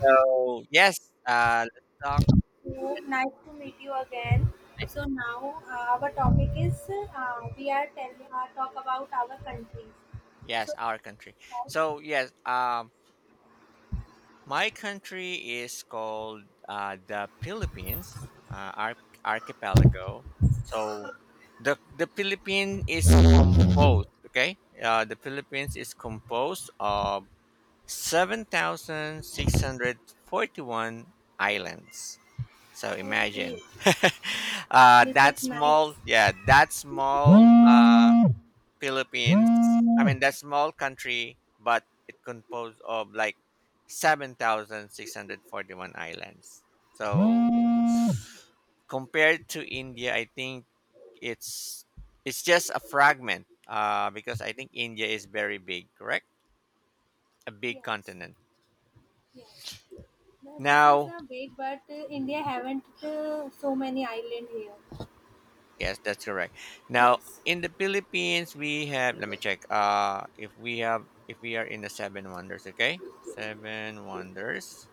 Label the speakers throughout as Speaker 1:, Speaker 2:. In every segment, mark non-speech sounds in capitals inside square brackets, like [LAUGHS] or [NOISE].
Speaker 1: So yes, let's talk. Yes, our country. So my country is called the Philippines, archipelago. So the Philippines is composed. Okay, the Philippines is composed of 7,641 islands. So imagine [LAUGHS] that small, yeah, that small.
Speaker 2: Hum,
Speaker 1: Philippines. I
Speaker 2: hum,
Speaker 1: mean, that's small country, but it composed of like 7,641 islands. So
Speaker 2: hum. Hum.
Speaker 1: compared to India, I think it's it's just a fragment because I think India is very big, correct? A big continent. Now, yes, that's correct. Now, in the Philippines, we have, let me check if we have, if we are in the seven wonders, okay? Seven wonders.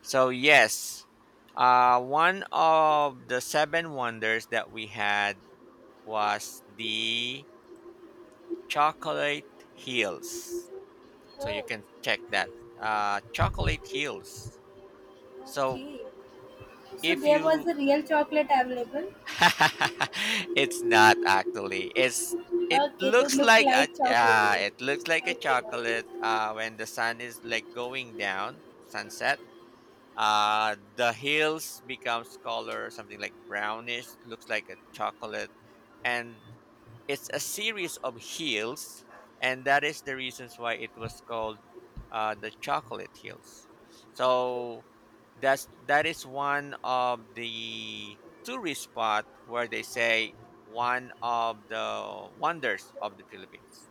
Speaker 1: So yes, one of the seven wonders that we had was the chocolate hills. So you can check that. Chocolate hills. So if you, [LAUGHS] it's not actually. It's, it looks like a, yeah. It looks like a chocolate. When the sun is like going down, sunset. The hills becomes color something like brownish, looks like a chocolate, and it's a series of hills, and that is the reasons why it was called the chocolate hills. So that is one of the tourist spot where they say one of the wonders of the Philippines.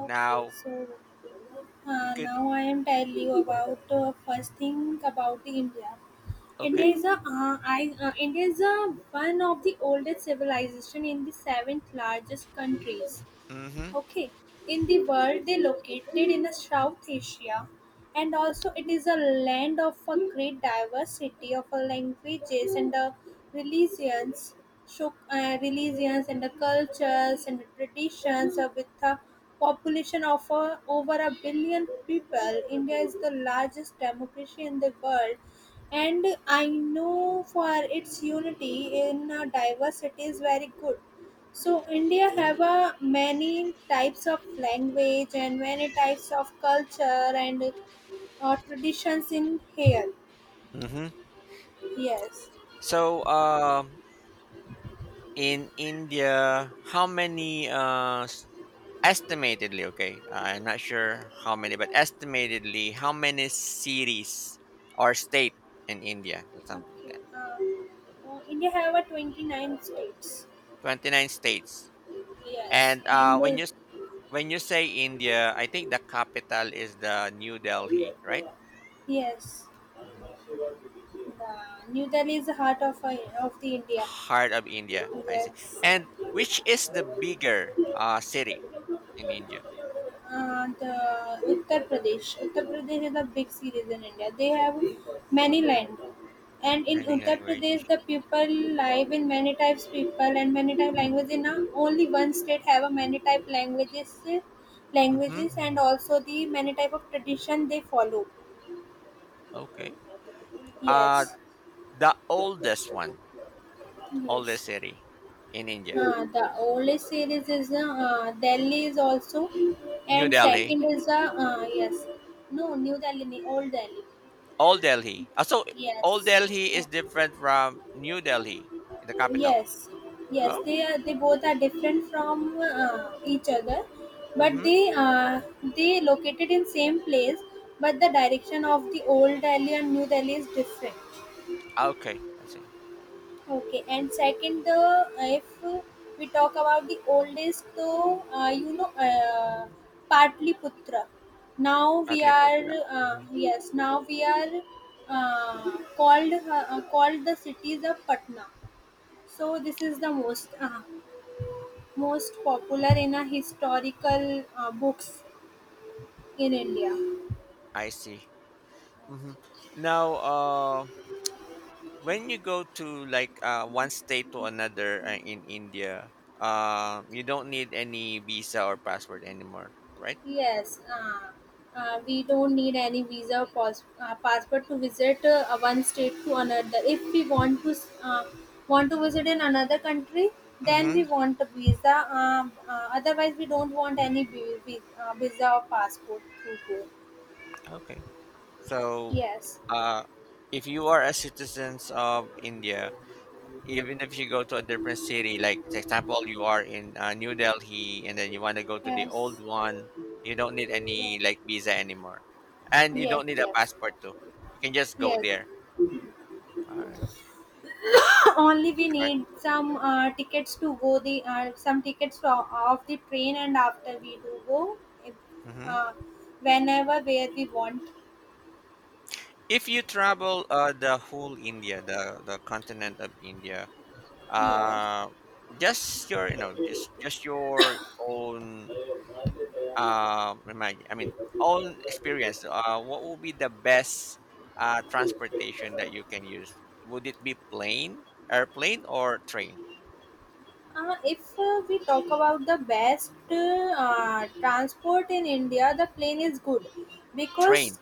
Speaker 1: Now you could, okay. Mm-hmm. Mhm. Mm-hmm. So in India, how many estimatedly, okay? I'm not sure how many, but estimatedly, how many cities or state in India? Something like that. 29 states. And when you, when you say India, I think the capital is the New Delhi, right? hmm Heart of India, I see. And which is the bigger city in India? Any language? Mm-hmm. Okay. Uh, the oldest one, oldest city in India? New Delhi. Old Delhi. Ah, so Old Delhi is different from New Delhi, the capital. Oh, mm-hmm. Ah, okay. I see. Shortly put that. Hmm I see. Hmm Now, when you go to like one state to another in India, you don't need any visa or passport anymore, right? Mm-hmm. Okay. So, uh, if you are a citizens of India, even if you go to a different city, like for example, you are in New Delhi and then you want to go to the old one, you don't need any like visa anymore, and you don't need a passport too. You can just go there. All right. Mm-hmm. If you travel the whole India, the continent of India, uh, just your you know just your own. Imagine, I mean, own experience. What would be the best transportation that you can use? Would it be plane, airplane, or train? Train,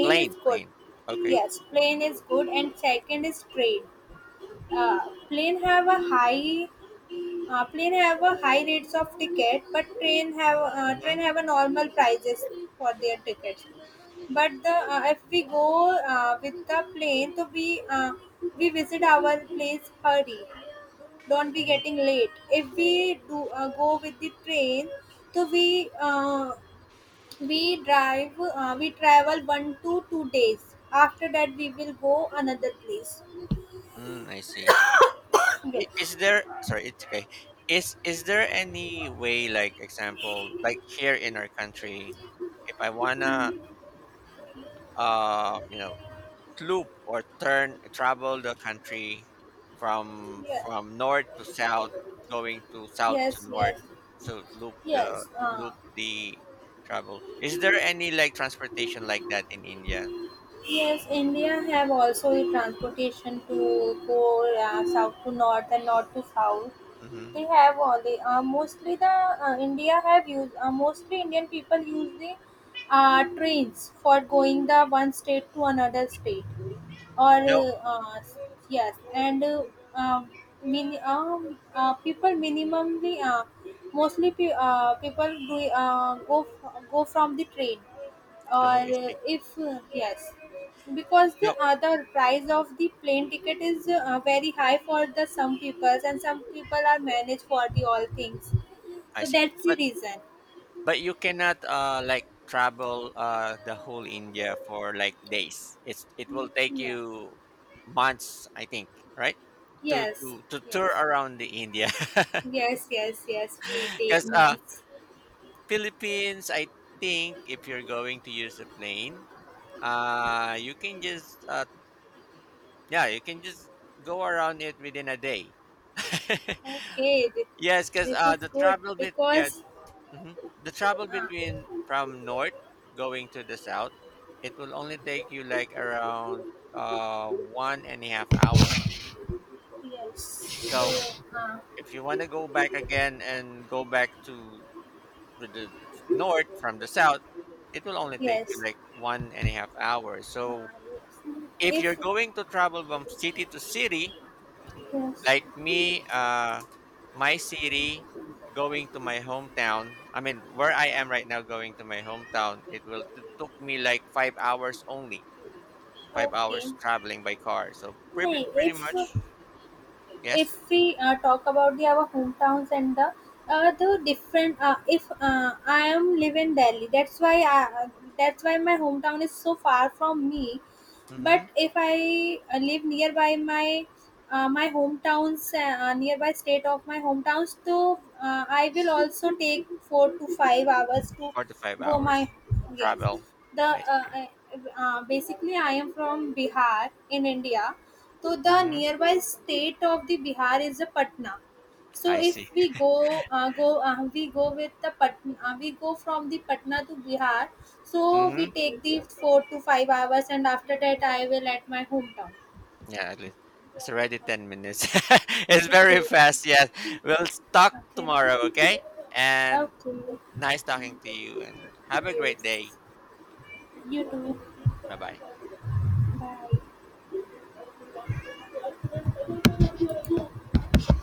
Speaker 1: plane, plane. Okay. Mm-hmm. hmm Mm, I see. Is there? Sorry, it's okay. Is there any way, like example, like here in our country, if I wanna, uh, you know, loop or turn travel the country from north to south, going to south to north, so loop the, loop the travel, is there any like transportation like that in india? Mm-hmm. No. Oh, I see. No. I see. but but you cannot like travel the whole india for like days. It's, it will take you months, I think, right? To tour around the india. [LAUGHS] Because Philippines, I think if you're going to use a plane, you can just yeah, you can just go around it within a day. [LAUGHS] Yes, because the travel bit, yeah, hmm the travel between from north going to the south, it will only take you like around 1.5 hours. So if you want to go back again and go back to the north from the south, it will only take you like 1.5 hours. So if you're going to travel from city to city, like me, my city going to my hometown, I mean, where I am right now going to my hometown, it will took me like 5 hours only, 5 hours traveling by car. So pretty, pretty much, yes, mm-hmm, 4 to 5 hours travel. I see. Mm-hmm. I see. Mm-hmm. Yeah, at least it's already 10 minutes. [LAUGHS] It's very fast. Yes. We'll talk tomorrow, okay? And nice talking to you and have a great day. Bye bye.